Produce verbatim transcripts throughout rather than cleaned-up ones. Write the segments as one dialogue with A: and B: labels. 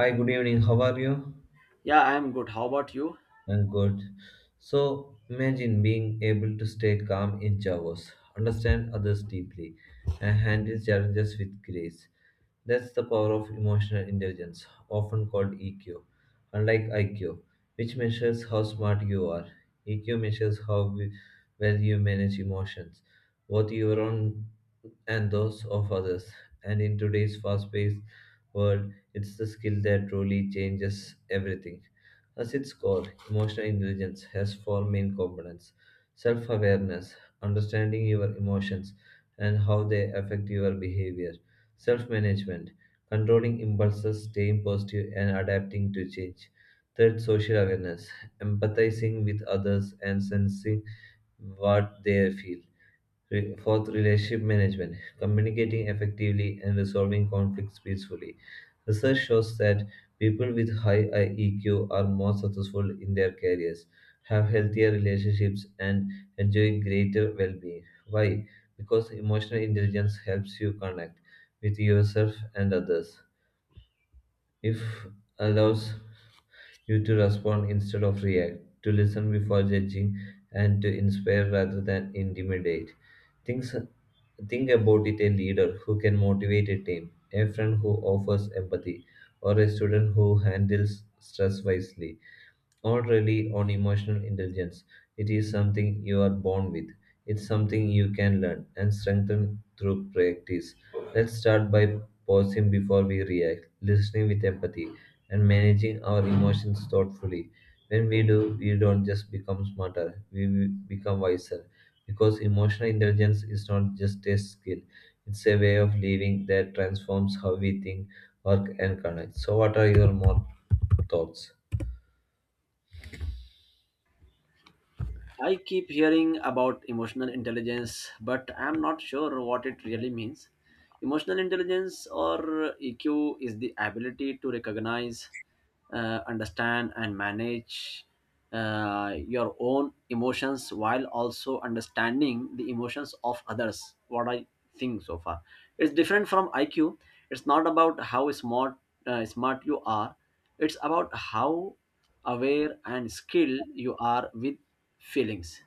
A: Hi, good evening. How are you?
B: Yeah, I'm good. How about you?
A: I'm good. So, imagine being able to stay calm in chaos, understand others deeply, and handle challenges with grace. That's the power of emotional intelligence, often called E Q. Unlike I Q, which measures how smart you are, E Q measures how we- well you manage emotions, both your own and those of others. And in today's fast paced world, it's the skill that truly changes everything. As its core, emotional intelligence has four main components: self awareness, understanding your emotions and how they affect your behavior. Self management, controlling impulses, staying positive, and adapting to change. Third, social awareness, empathizing with others and sensing what they feel. Re- Fourth, relationship management, communicating effectively and resolving conflicts peacefully. Research shows that people with high I E Q are more successful in their careers, have healthier relationships, and enjoy greater well being. Why? Because emotional intelligence helps you connect with yourself and others. If allows you to respond instead of react, to listen before judging, and to inspire rather than intimidate. Think, think about it, a leader who can motivate a team, a friend who offers empathy, or a student who handles stress wisely not really on emotional intelligence. It is something you are born with. It's something you can learn and strengthen through practice. Let's start by pausing before we react, listening with empathy, and managing our emotions thoughtfully. When we do, we don't just become smarter, we will become wiser. Because emotional intelligence is not just a skill, it's a way of living that transforms how we think, work, and connect. So, what are your more thoughts?
B: I keep hearing about emotional intelligence, but I'm not sure what it really means. Emotional intelligence or E Q is the ability to recognize, uh, understand and manage, uh, your own emotions while also understanding the emotions of others. What I think so far, it's different from I Q. It's not about how smart uh, smart you are. It's about how aware and skilled you are with feelings.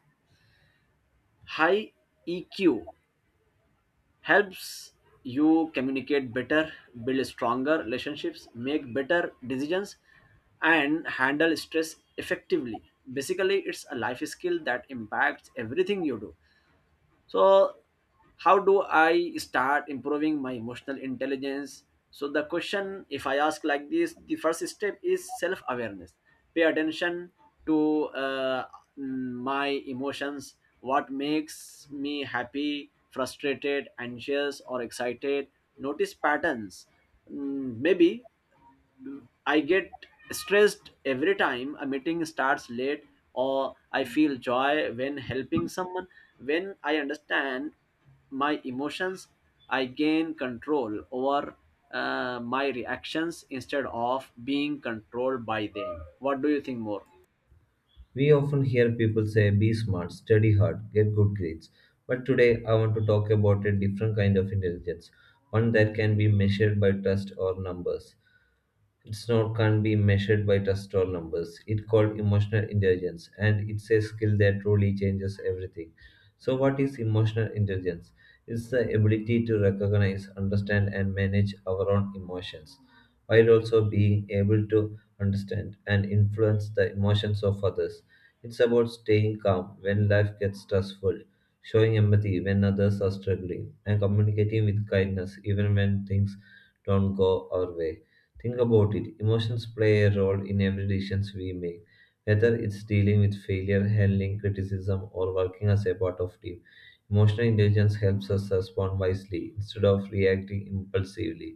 B: High E Q helps you communicate better, build stronger relationships, make better decisions, and handle stress effectively. Basically, it's a life skill that impacts everything you do. So how do I start improving my emotional intelligence? So the question, if I ask like this, the first step is self awareness. Pay attention to uh, my emotions. What makes me happy, frustrated, anxious, or excited? Notice patterns. Mm, maybe I get stressed every time a meeting starts late, or I feel joy when helping someone. When I understand my emotions, I gain control over uh, my reactions instead of being controlled by them. What do you think more?
A: We often hear people say, be smart, study hard, get good grades. But today I want to talk about a different kind of intelligence, one that can be measured by trust or numbers. It's not can be measured by just or numbers. It called emotional intelligence, and it's a skill that truly changes everything. So, what is emotional intelligence? It's the ability to recognize, understand, and manage our own emotions, while also being able to understand and influence the emotions of others. It's about staying calm when life gets stressful, showing empathy when others are struggling, and communicating with kindness even when things don't go our way. Think about it. Emotions play a role in every decision we make, whether it's dealing with failure, handling criticism, or working as a part of team. Emotional intelligence helps us respond wisely instead of reacting impulsively.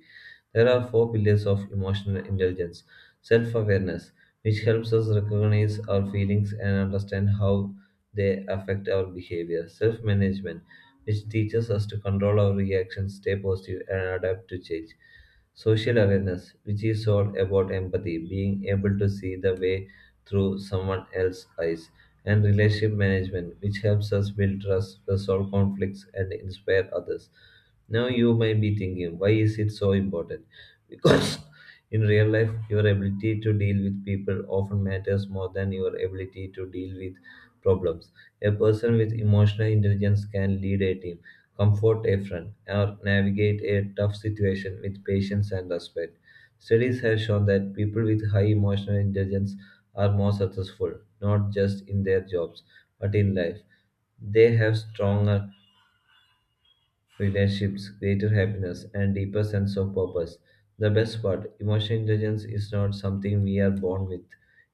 A: There are four pillars of emotional intelligence. Self awareness, which helps us recognize our feelings and understand how they affect our behavior. Self management, which teaches us to control our reactions, stay positive, and adapt to change. Social awareness, which is all about empathy, being able to see the way through someone else's eyes, and relationship management, which helps us build trust, resolve conflicts, and inspire others. Now you might be thinking, why is it so important? Because in real life, your ability to deal with people often matters more than your ability to deal with problems. A person with emotional intelligence can lead a team, comfort a friend, or navigate a tough situation with patience and respect. Studies have shown that people with high emotional intelligence are more successful, not just in their jobs, but in life. They have stronger relationships, greater happiness, and deeper sense of purpose. The best part, emotional intelligence is not something we are born with,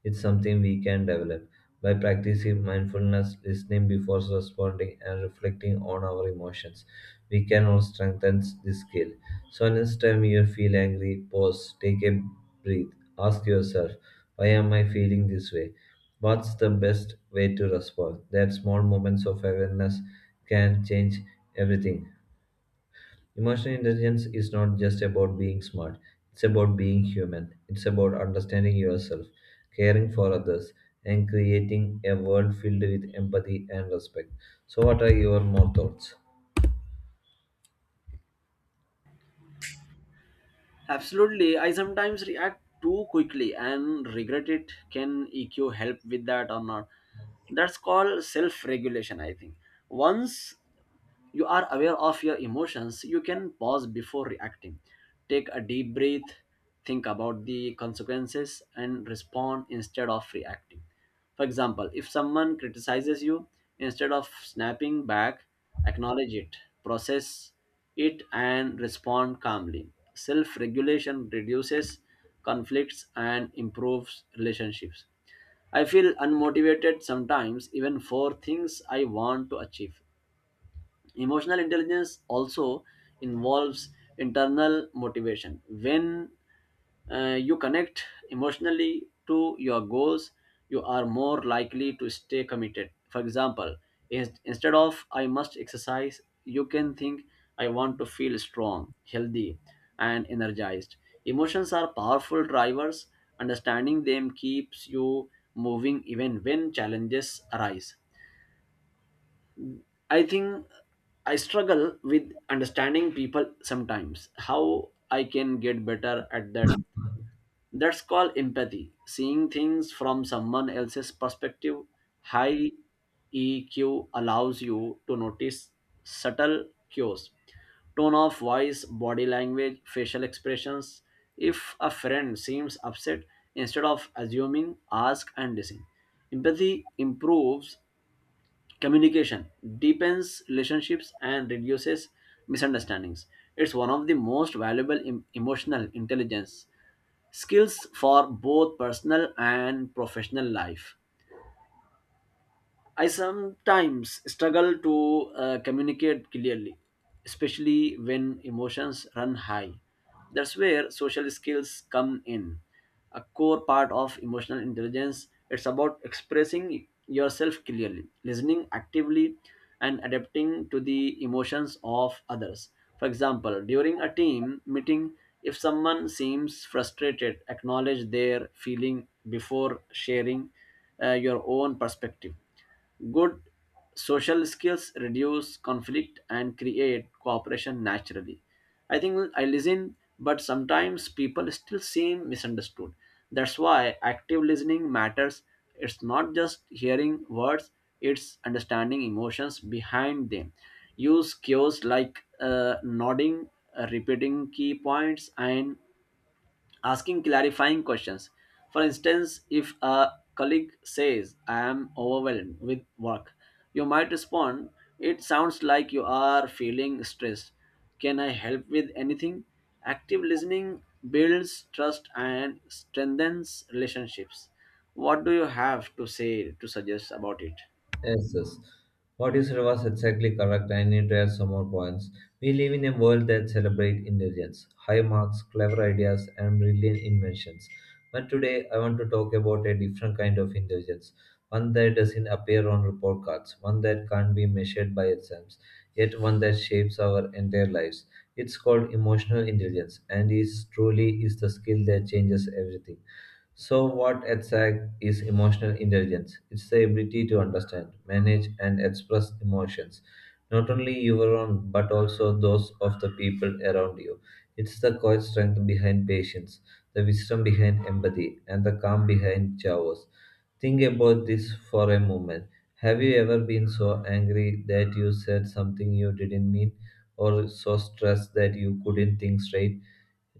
A: it's something we can develop. By practicing mindfulness, listening before responding, and reflecting on our emotions, we can all strengthen this skill. So, next time you feel angry, pause, take a breath, ask yourself, why am I feeling this way? What's the best way to respond? That small moments of awareness can change everything. Emotional intelligence is not just about being smart, it's about being human. It's about understanding yourself, caring for others, and creating a world filled with empathy and respect. So, what are your more thoughts?
B: Absolutely. I sometimes react too quickly and regret it. Can E Q help with that or not? That's called self regulation, I think. Once you are aware of your emotions, you can pause before reacting. Take a deep breath, think about the consequences, and respond instead of reacting. For example, if someone criticizes you, instead of snapping back, acknowledge it, process it, and respond calmly. Self regulation reduces conflicts and improves relationships. I feel unmotivated sometimes, even for things I want to achieve. Emotional intelligence also involves internal motivation. When uh, you connect emotionally to your goals, you are more likely to stay committed. For example, in- instead of I must exercise, you can think, I want to feel strong, healthy, and energized. Emotions are powerful drivers. Understanding them keeps you moving even when challenges arise. I think I struggle with understanding people sometimes. How I can get better at that? That's called empathy, seeing things from someone else's perspective. High E Q allows you to notice subtle cues, tone of voice, body language, facial expressions. If a friend seems upset, instead of assuming, ask and listen. Empathy improves communication, deepens relationships, and reduces misunderstandings. It's one of the most valuable em- emotional intelligence skills for both personal and professional life. I sometimes struggle to uh, communicate clearly, especially when emotions run high. That's where social skills come in. A core part of emotional intelligence, it's about expressing yourself clearly, listening actively, and adapting to the emotions of others. For example, during a team meeting, if someone seems frustrated, acknowledge their feeling before sharing uh, your own perspective. Good social skills reduce conflict and create cooperation naturally. I think I listen, but sometimes people still seem misunderstood. That's why active listening matters. It's not just hearing words, it's understanding emotions behind them. Use cues like uh, nodding, uh, repeating key points, and asking clarifying questions. For instance, if a colleague says, I am overwhelmed with work, you might respond, it sounds like you are feeling stressed. Can I help with anything? Active listening builds trust and strengthens relationships. What do you have to say to suggest about it?
A: Yes, yes. What you said was exactly correct. I need to add some more points. We live in a world that celebrates intelligence, high marks, clever ideas, and brilliant inventions. But today, I want to talk about a different kind of intelligence, one that doesn't appear on report cards, one that can't be measured by exams, yet one that shapes our entire lives. It's called emotional intelligence, and is truly is the skill that changes everything. So, what E T S A C is emotional intelligence? It's the ability to understand, manage, and express emotions, not only your own, but also those of the people around you. It's the core strength behind patience, the wisdom behind empathy, and the calm behind chaos. Think about this for a moment. Have you ever been so angry that you said something you didn't mean, or so stressed that you couldn't think straight?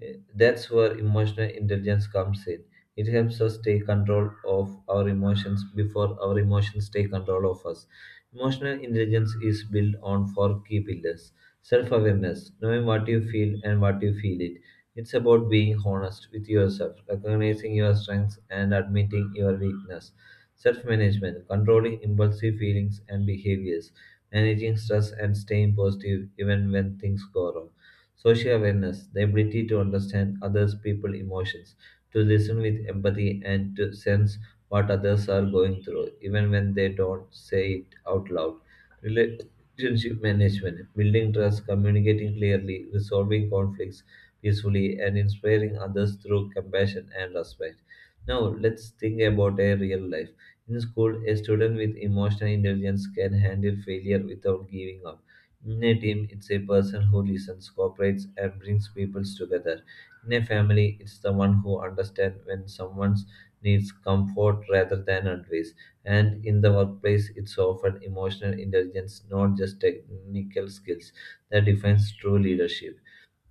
A: Eh, That's where emotional intelligence comes in. It helps us take control of our emotions before our emotions take control of us. Emotional intelligence is built on four key pillars: self awareness, knowing what you feel and what you feel it. It's about being honest with yourself, recognizing your strengths, and admitting your weakness. Self management, controlling impulsive feelings and behaviors, managing stress, and staying positive even when things go wrong. Social awareness, the ability to understand others' people's emotions, to listen with empathy, and to sense what others are going through, even when they don't say it out loud. Relationship management, building trust, communicating clearly, resolving conflicts peacefully, and inspiring others through compassion and respect. Now, let's think about a real life. In school, a student with emotional intelligence can handle failure without giving up. In a team, it's a person who listens, cooperates, and brings people together. In a family, it's the one who understands when someone needs comfort rather than advice. And in the workplace, it's often emotional intelligence, not just technical skills, that defines true leadership.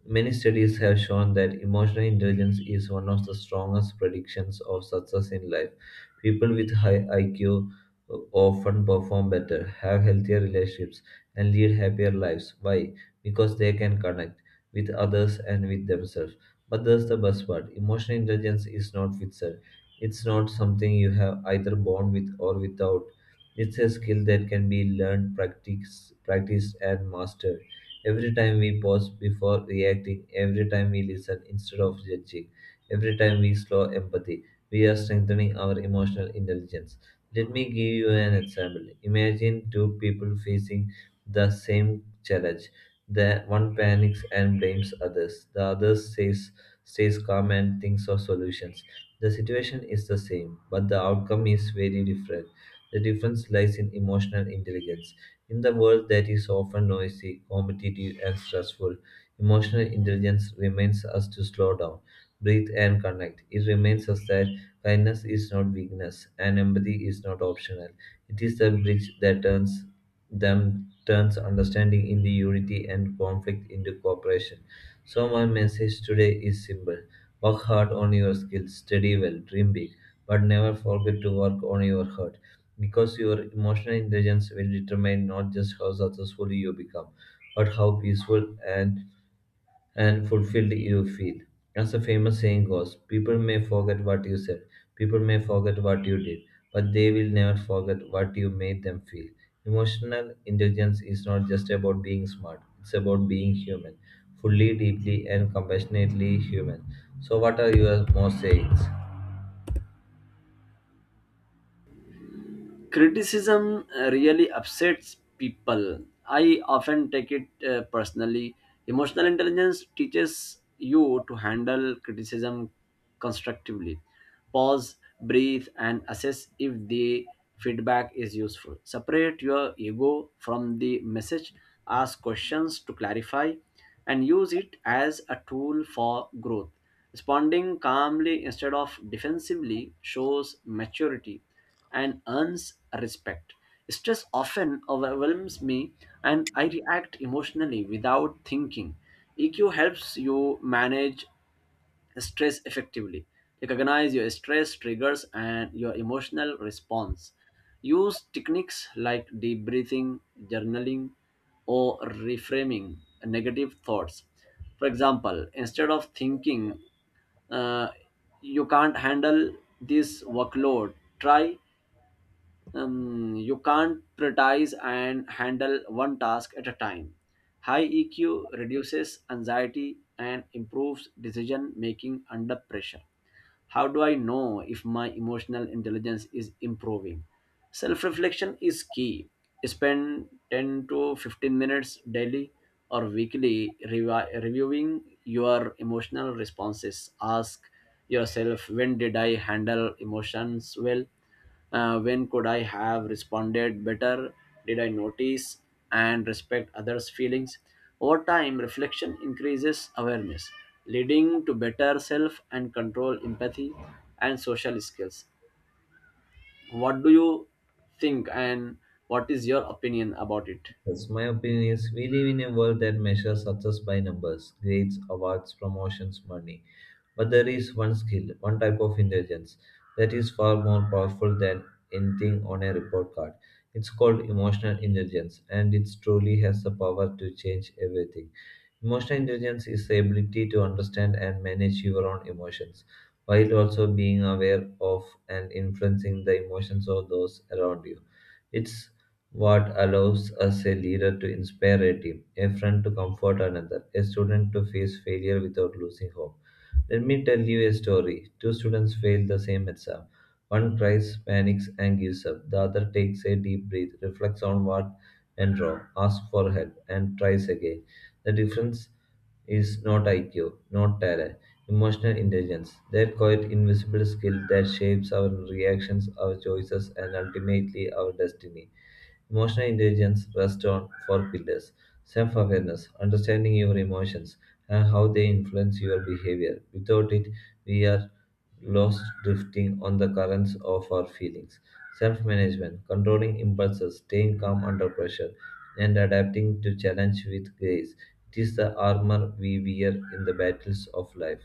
A: Many studies have shown that emotional intelligence is one of the strongest predictions of success in life. People with high I Q often perform better, have healthier relationships, and lead happier lives. Why? Because they can connect with others and with themselves. But that's the best part. Emotional intelligence is not fixed. It's not something you have either born with or without. It's a skill that can be learned, practiced, practiced and mastered. Every time we pause before reacting, every time we listen instead of judging, every time we slow empathy, we are strengthening our emotional intelligence. Let me give you an example. Imagine two people facing the same challenge. The one panics and blames others. The other says stays calm and thinks of solutions. The situation is the same, but the outcome is very different. The difference lies in emotional intelligence. In the world that is often noisy, competitive, and stressful, emotional intelligence reminds us to slow down, breathe, and connect. It reminds us that kindness is not weakness and empathy is not optional. It is the bridge that turns them turns understanding into unity and conflict into cooperation. So my message today is simple. Work hard on your skills, study well, dream big, but never forget to work on your heart because your emotional intelligence will determine not just how successful you become, but how peaceful and, and fulfilled you feel. As a famous saying goes, people may forget what you said, people may forget what you did, but they will never forget what you made them feel. Emotional intelligence is not just about being smart, it's about being human, fully, deeply, and compassionately human. So, what are your more sayings?
B: Criticism uh, really upsets people. I often take it uh, personally. Emotional intelligence teaches you to handle criticism constructively. Pause, breathe, and assess if the feedback is useful. Separate your ego from the message, ask questions to clarify, and use it as a tool for growth. Responding calmly instead of defensively shows maturity and earns respect. Stress often overwhelms me and I react emotionally without thinking. E Q helps you manage stress effectively. Recognize your stress triggers and your emotional response. Use techniques like deep breathing, journaling, or reframing negative thoughts. For example, instead of thinking, uh, you can't handle this workload, try, um, you can't prioritize and handle one task at a time. High E Q reduces anxiety and improves decision making under pressure. How do I know if my emotional intelligence is improving? Self reflection is key. Spend ten to fifteen minutes daily or weekly revi- reviewing your emotional responses. Ask yourself, when did I handle emotions well? Uh, when could I have responded better? Did I notice and respect others' feelings? Over time, reflection increases awareness, leading to better self and control, empathy, and social skills. What do you think, and what is your opinion about it?
A: Yes, my opinion is we live in a world that measures success by numbers, grades, awards, promotions, money. But there is one skill, one type of intelligence that is far more powerful than anything on a report card. It's called emotional intelligence, and it truly has the power to change everything. Emotional intelligence is the ability to understand and manage your own emotions while also being aware of and influencing the emotions of those around you. It's what allows us a leader to inspire a team, a friend to comfort another, a student to face failure without losing hope. Let me tell you a story. Two students failed the same exam. One tries, panics, and gives up. The other takes a deep breath, reflects on what went wrong, asks for help, and tries again. The difference is not I Q, not talent, emotional intelligence, that quiet invisible skill that shapes our reactions, our choices, and ultimately our destiny. Emotional intelligence rests on four pillars: self awareness, understanding your emotions and how they influence your behavior. Without it, we are lost drifting on the currents of our feelings. Self management, controlling impulses, staying calm under pressure, and adapting to challenge with grace. It is the armor we wear in the battles of life.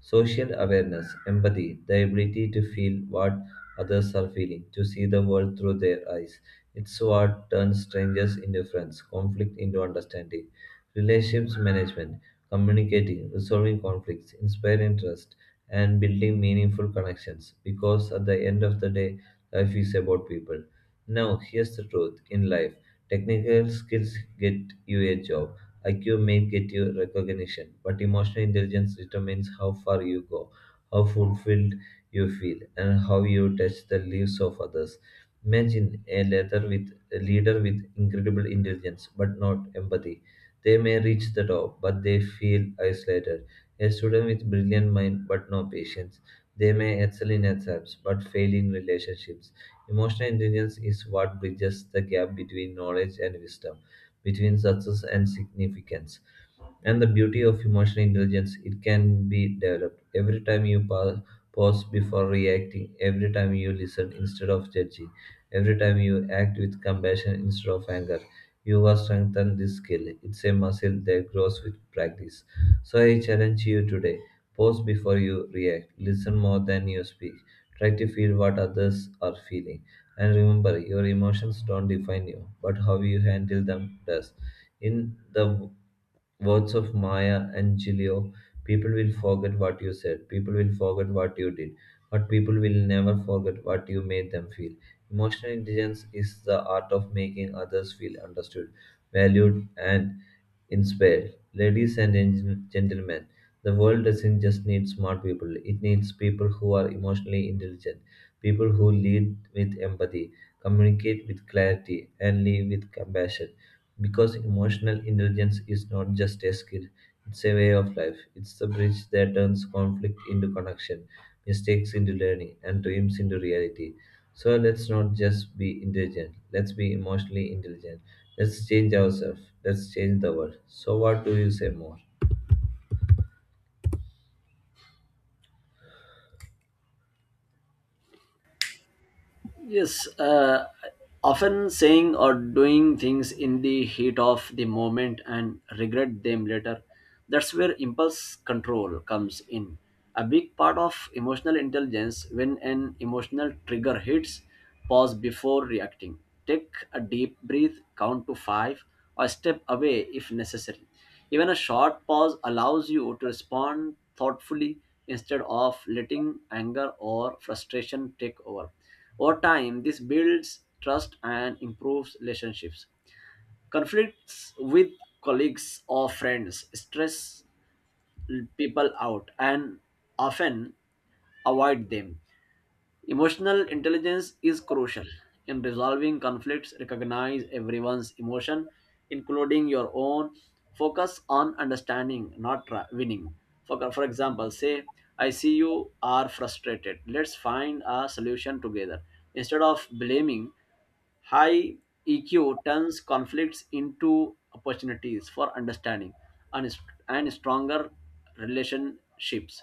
A: Social awareness, empathy, the ability to feel what others are feeling, to see the world through their eyes. It's what turns strangers into friends, conflict into understanding. Relationships management, communicating, resolving conflicts, inspiring trust, and building meaningful connections because at the end of the day, life is about people. Now, here's the truth in life, technical skills get you a job, I Q may get you recognition, but emotional intelligence determines how far you go, how fulfilled you feel, and how you touch the lives of others. Imagine a leader with a leader with incredible intelligence but not empathy. They may reach the top, but they feel isolated. A student with brilliant mind but no patience. They may excel in exams but fail in relationships. Emotional intelligence is what bridges the gap between knowledge and wisdom, between success and significance. And the beauty of emotional intelligence, it can be developed. Every time you pa- pause before reacting, every time you listen instead of judging, every time you act with compassion instead of anger, you will strengthen this skill. It's a muscle that grows with practice. So I challenge you today. Pause before you react. Listen more than you speak. Try to feel what others are feeling. And remember, your emotions don't define you, but how you handle them does. In the words of Maya Angelou, people will forget what you said, people will forget what you did, but people will never forget what you made them feel. Emotional intelligence is the art of making others feel understood, valued, and inspired. Ladies and gen- gentlemen, the world doesn't just need smart people, it needs people who are emotionally intelligent, people who lead with empathy, communicate with clarity, and live with compassion. Because emotional intelligence is not just a skill, it's a way of life. It's the bridge that turns conflict into connection, mistakes into learning, and dreams into reality. So let's not just be intelligent, let's be emotionally intelligent. Let's change ourselves, let's change the world. So, what do you say more?
B: Yes, uh, often saying or doing things in the heat of the moment and regret them later. That's where impulse control comes in. A big part of emotional intelligence, when an emotional trigger hits, pause before reacting. Take a deep breath, count to five, or step away if necessary. Even a short pause allows you to respond thoughtfully instead of letting anger or frustration take over. Over time, this builds trust and improves relationships. Conflicts with colleagues or friends stress people out and often avoid them. Emotional intelligence is crucial in resolving conflicts. Recognize everyone's emotion, including your own. Focus on understanding, not tra- winning. For, for example, say, I see you are frustrated. Let's find a solution together. Instead of blaming, high E Q turns conflicts into opportunities for understanding and, and stronger relationships.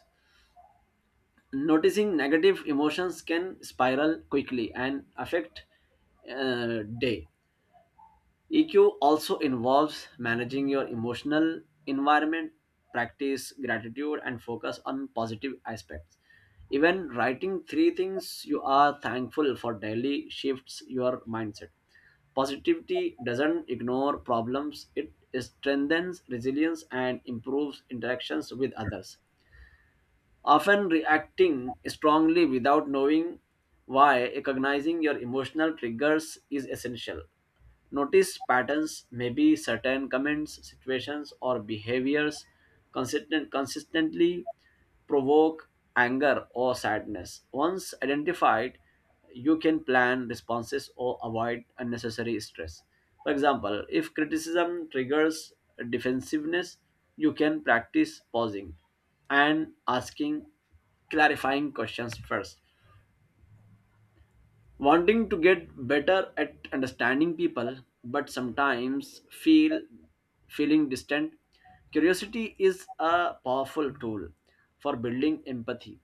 B: Noticing negative emotions can spiral quickly and affect uh, day. E Q also involves managing your emotional environment, practice gratitude, and focus on positive aspects. Even writing three things you are thankful for daily shifts your mindset. Positivity doesn't ignore problems, it strengthens resilience and improves interactions with others. Often reacting strongly without knowing why, recognizing your emotional triggers is essential. Notice patterns, maybe certain comments, situations, or behaviors consistent, consistently provoke anger or sadness. Once identified, you can plan responses or avoid unnecessary stress. For example, if criticism triggers defensiveness, you can practice pausing and asking clarifying questions first. Wanting to get better at understanding people, but sometimes feel feeling distant. Curiosity is a powerful tool for building empathy.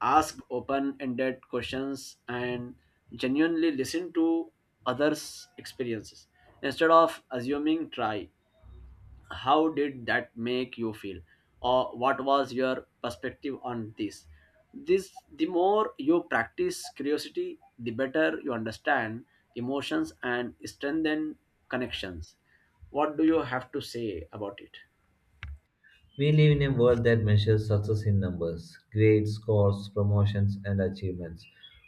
B: Ask open-ended questions and genuinely listen to others' experiences. Instead of assuming, try, how did that make you feel, or what was your perspective on this? This the more you practice curiosity, the better you understand emotions and strengthen connections. What do you have to say about it?
A: We live in a world that measures success in numbers, grades, scores, promotions, and achievements.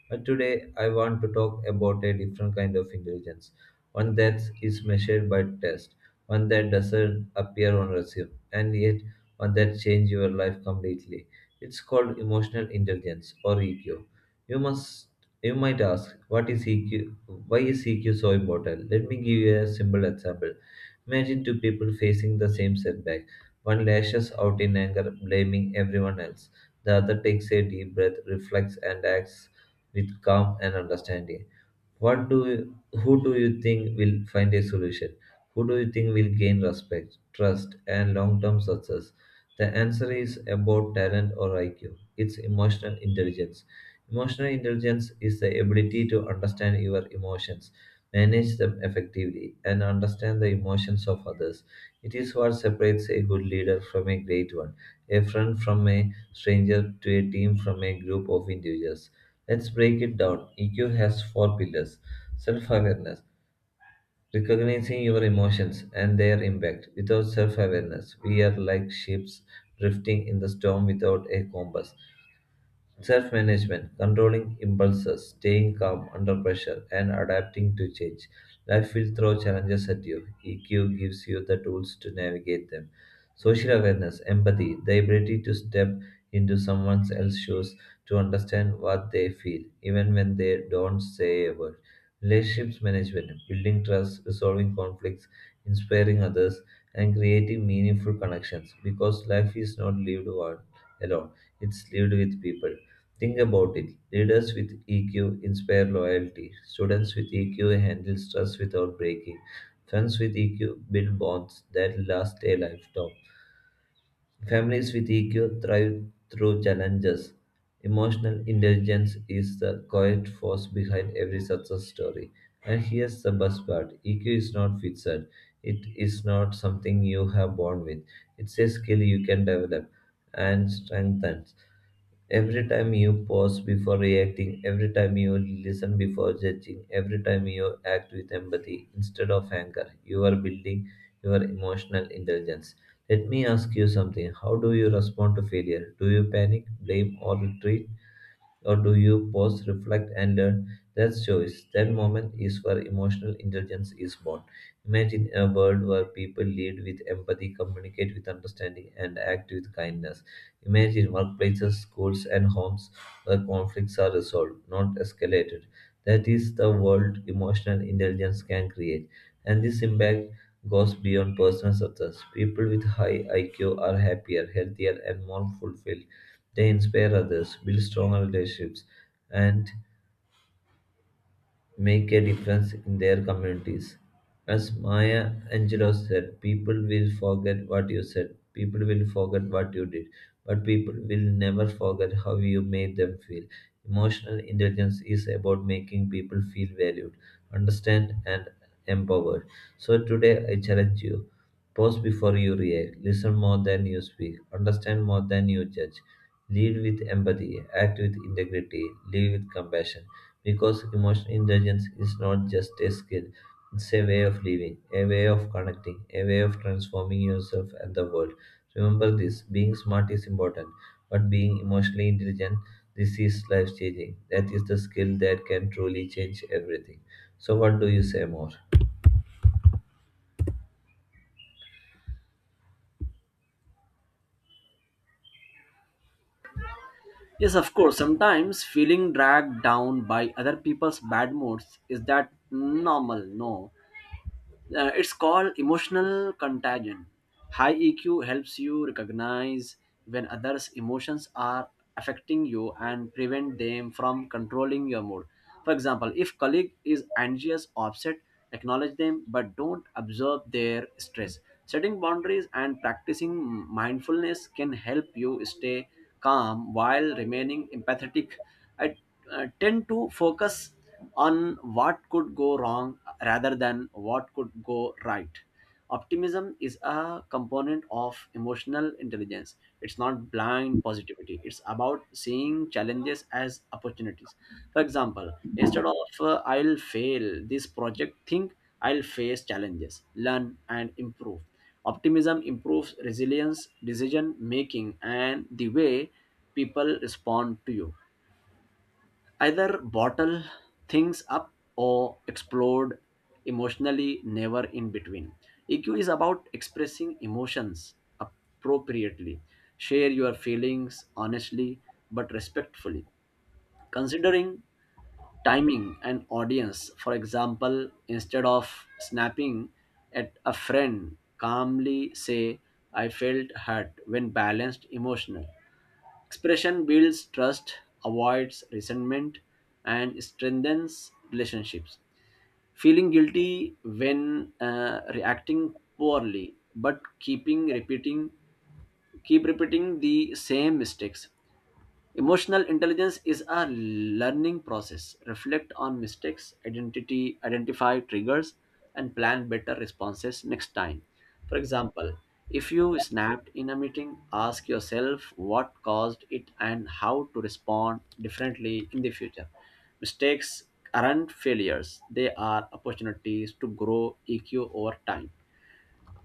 A: But today, I want to talk about a different kind of intelligence, one that is measured by test, one that doesn't appear on resume, and yet one that changes your life completely. It's called emotional intelligence, or E Q. You must, you might ask, what is E Q? Why is E Q so important? Let me give you a simple example. Imagine two people facing the same setback. One lashes out in anger, blaming everyone else. The other takes a deep breath, reflects, and acts with calm and understanding. What do you, who do you think will find a solution? Who do you think will gain respect, trust, and long-term success? The answer is about talent or I Q. It's emotional intelligence. Emotional intelligence is the ability to understand your emotions, manage them effectively, and understand the emotions of others. It is what separates a good leader from a great one, a friend from a stranger, to a team from a group of individuals. Let's break it down. E Q has four pillars: self awareness, recognizing your emotions and their impact. Without self awareness, we are like ships drifting in the storm without a compass. Self management, controlling impulses, staying calm under pressure, and adapting to change. Life will throw challenges at you. E Q gives you the tools to navigate them. Social awareness, empathy, the ability to step into someone else's shoes, to understand what they feel, even when they don't say a word. Relationships management, building trust, resolving conflicts, inspiring others, and creating meaningful connections, because life is not lived one alone, it's lived with people. Think about it. Leaders with E Q inspire loyalty. Students with E Q handle stress without breaking. Friends with E Q build bonds that last a lifetime. Families with E Q thrive through challenges. Emotional intelligence is the quiet force behind every success story. And here's the best part: E Q is not fixed, it is not something you have born with. It's a skill you can develop and strengthen. Every time you pause before reacting, every time you listen before judging, every time you act with empathy instead of anger, you are building your emotional intelligence. Let me ask you something. How do you respond to failure? Do you panic, blame, or retreat? Or do you pause, reflect, and learn? That's choice. That moment is where emotional intelligence is born. Imagine a world where people lead with empathy, communicate with understanding, and act with kindness. Imagine workplaces, schools, and homes where conflicts are resolved, not escalated. That is the world emotional intelligence can create. And this impact goes beyond personal success. People with high I Q are happier, healthier, and more fulfilled. They inspire others, build stronger relationships, and make a difference in their communities. As Maya Angelou said, people will forget what you said, people will forget what you did, but people will never forget how you made them feel. Emotional intelligence is about making people feel valued, understand, and empowered. So today I challenge you. Pause before you react. Listen more than you speak. Understand more than you judge. Lead with empathy. Act with integrity. Live with compassion. Because emotional intelligence is not just a skill, it's a way of living, a way of connecting, a way of transforming yourself and the world. Remember this, being smart is important, but being emotionally intelligent, this is life changing. That is the skill that can truly change everything. So, what do you say more?
B: Yes, of course. Sometimes feeling dragged down by other people's bad moods, is that normal? No. Uh, it's called emotional contagion. High E Q helps you recognize when others' emotions are affecting you and prevent them from controlling your mood. For example, if colleague is anxious or upset, acknowledge them but don't observe their stress. Setting boundaries and practicing mindfulness can help you stay calm while remaining empathetic. I uh, tend to focus on what could go wrong rather than what could go right. Optimism is a component of emotional intelligence. It's not blind positivity. It's about seeing challenges as opportunities. For example, instead of uh, I'll fail this project, think I'll face challenges, learn, and improve. Optimism improves resilience, decision making, and the way people respond to you. Either bottle things up or explode emotionally, never in between. E Q is about expressing emotions appropriately. Share your feelings honestly but respectfully, considering timing and audience. For example, instead of snapping at a friend, calmly say, I felt hurt when balanced emotional. Expression builds trust, avoids resentment, and strengthens relationships. Feeling guilty when uh, reacting poorly, but keeping repeating, keep repeating the same mistakes. Emotional intelligence is a learning process. Reflect on mistakes, identity, identify triggers, and plan better responses next time. For example, if you snapped in a meeting, ask yourself what caused it and how to respond differently in the future. Mistakes aren't failures, they are opportunities to grow E Q over time.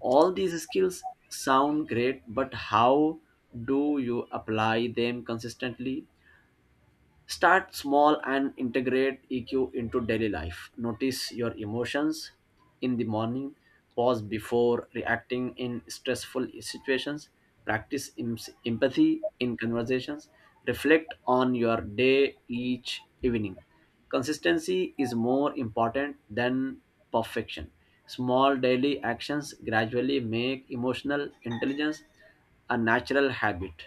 B: All these skills sound great, but how do you apply them consistently? Start small and integrate E Q into daily life. Notice your emotions in the morning, pause before reacting in stressful situations, practice em- empathy in conversations, reflect on your day each evening. Consistency is more important than perfection. Small daily actions gradually make emotional intelligence a natural habit.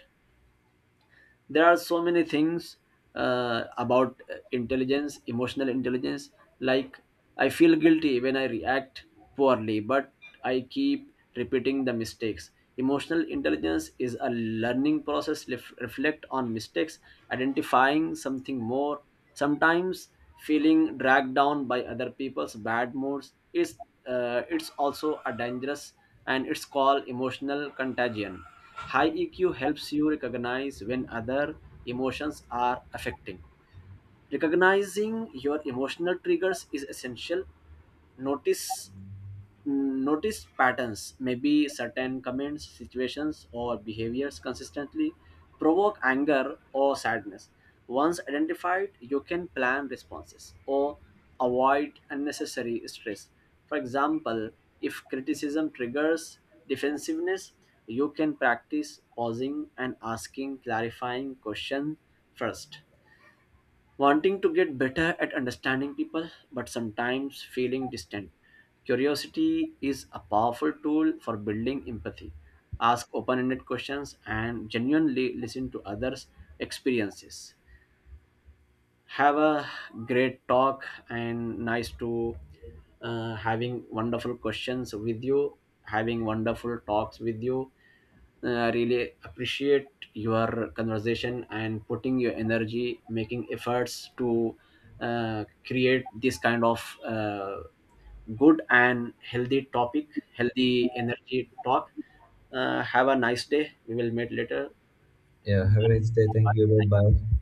B: There are so many things uh, about uh, intelligence emotional intelligence, like, I feel guilty when I react poorly, but I keep repeating the mistakes. Emotional intelligence is a learning process. Ref- reflect on mistakes, identifying something more. Sometimes feeling dragged down by other people's bad moods is, uh, it's also a dangerous, and it's called emotional contagion. High E Q helps you recognize when other emotions are affecting. Recognizing your emotional triggers is essential. Notice Mm, notice patterns, maybe certain comments, situations, or behaviors consistently provoke anger or sadness. Once identified, you can plan responses or avoid unnecessary stress. For example, if criticism triggers defensiveness, you can practice pausing and asking clarifying questions first. Wanting to get better at understanding people, but sometimes feeling distant. Curiosity is a powerful tool for building empathy. Ask open ended questions and genuinely listen to others' experiences. Have a great talk and nice to uh, having wonderful questions with you, having wonderful talks with you. I really appreciate your conversation and putting your energy, making efforts to uh, create this kind of uh, good and healthy topic, healthy energy talk. Uh, have a nice day. We will meet later.
A: Yeah, have a nice day. Thank you. Bye bye.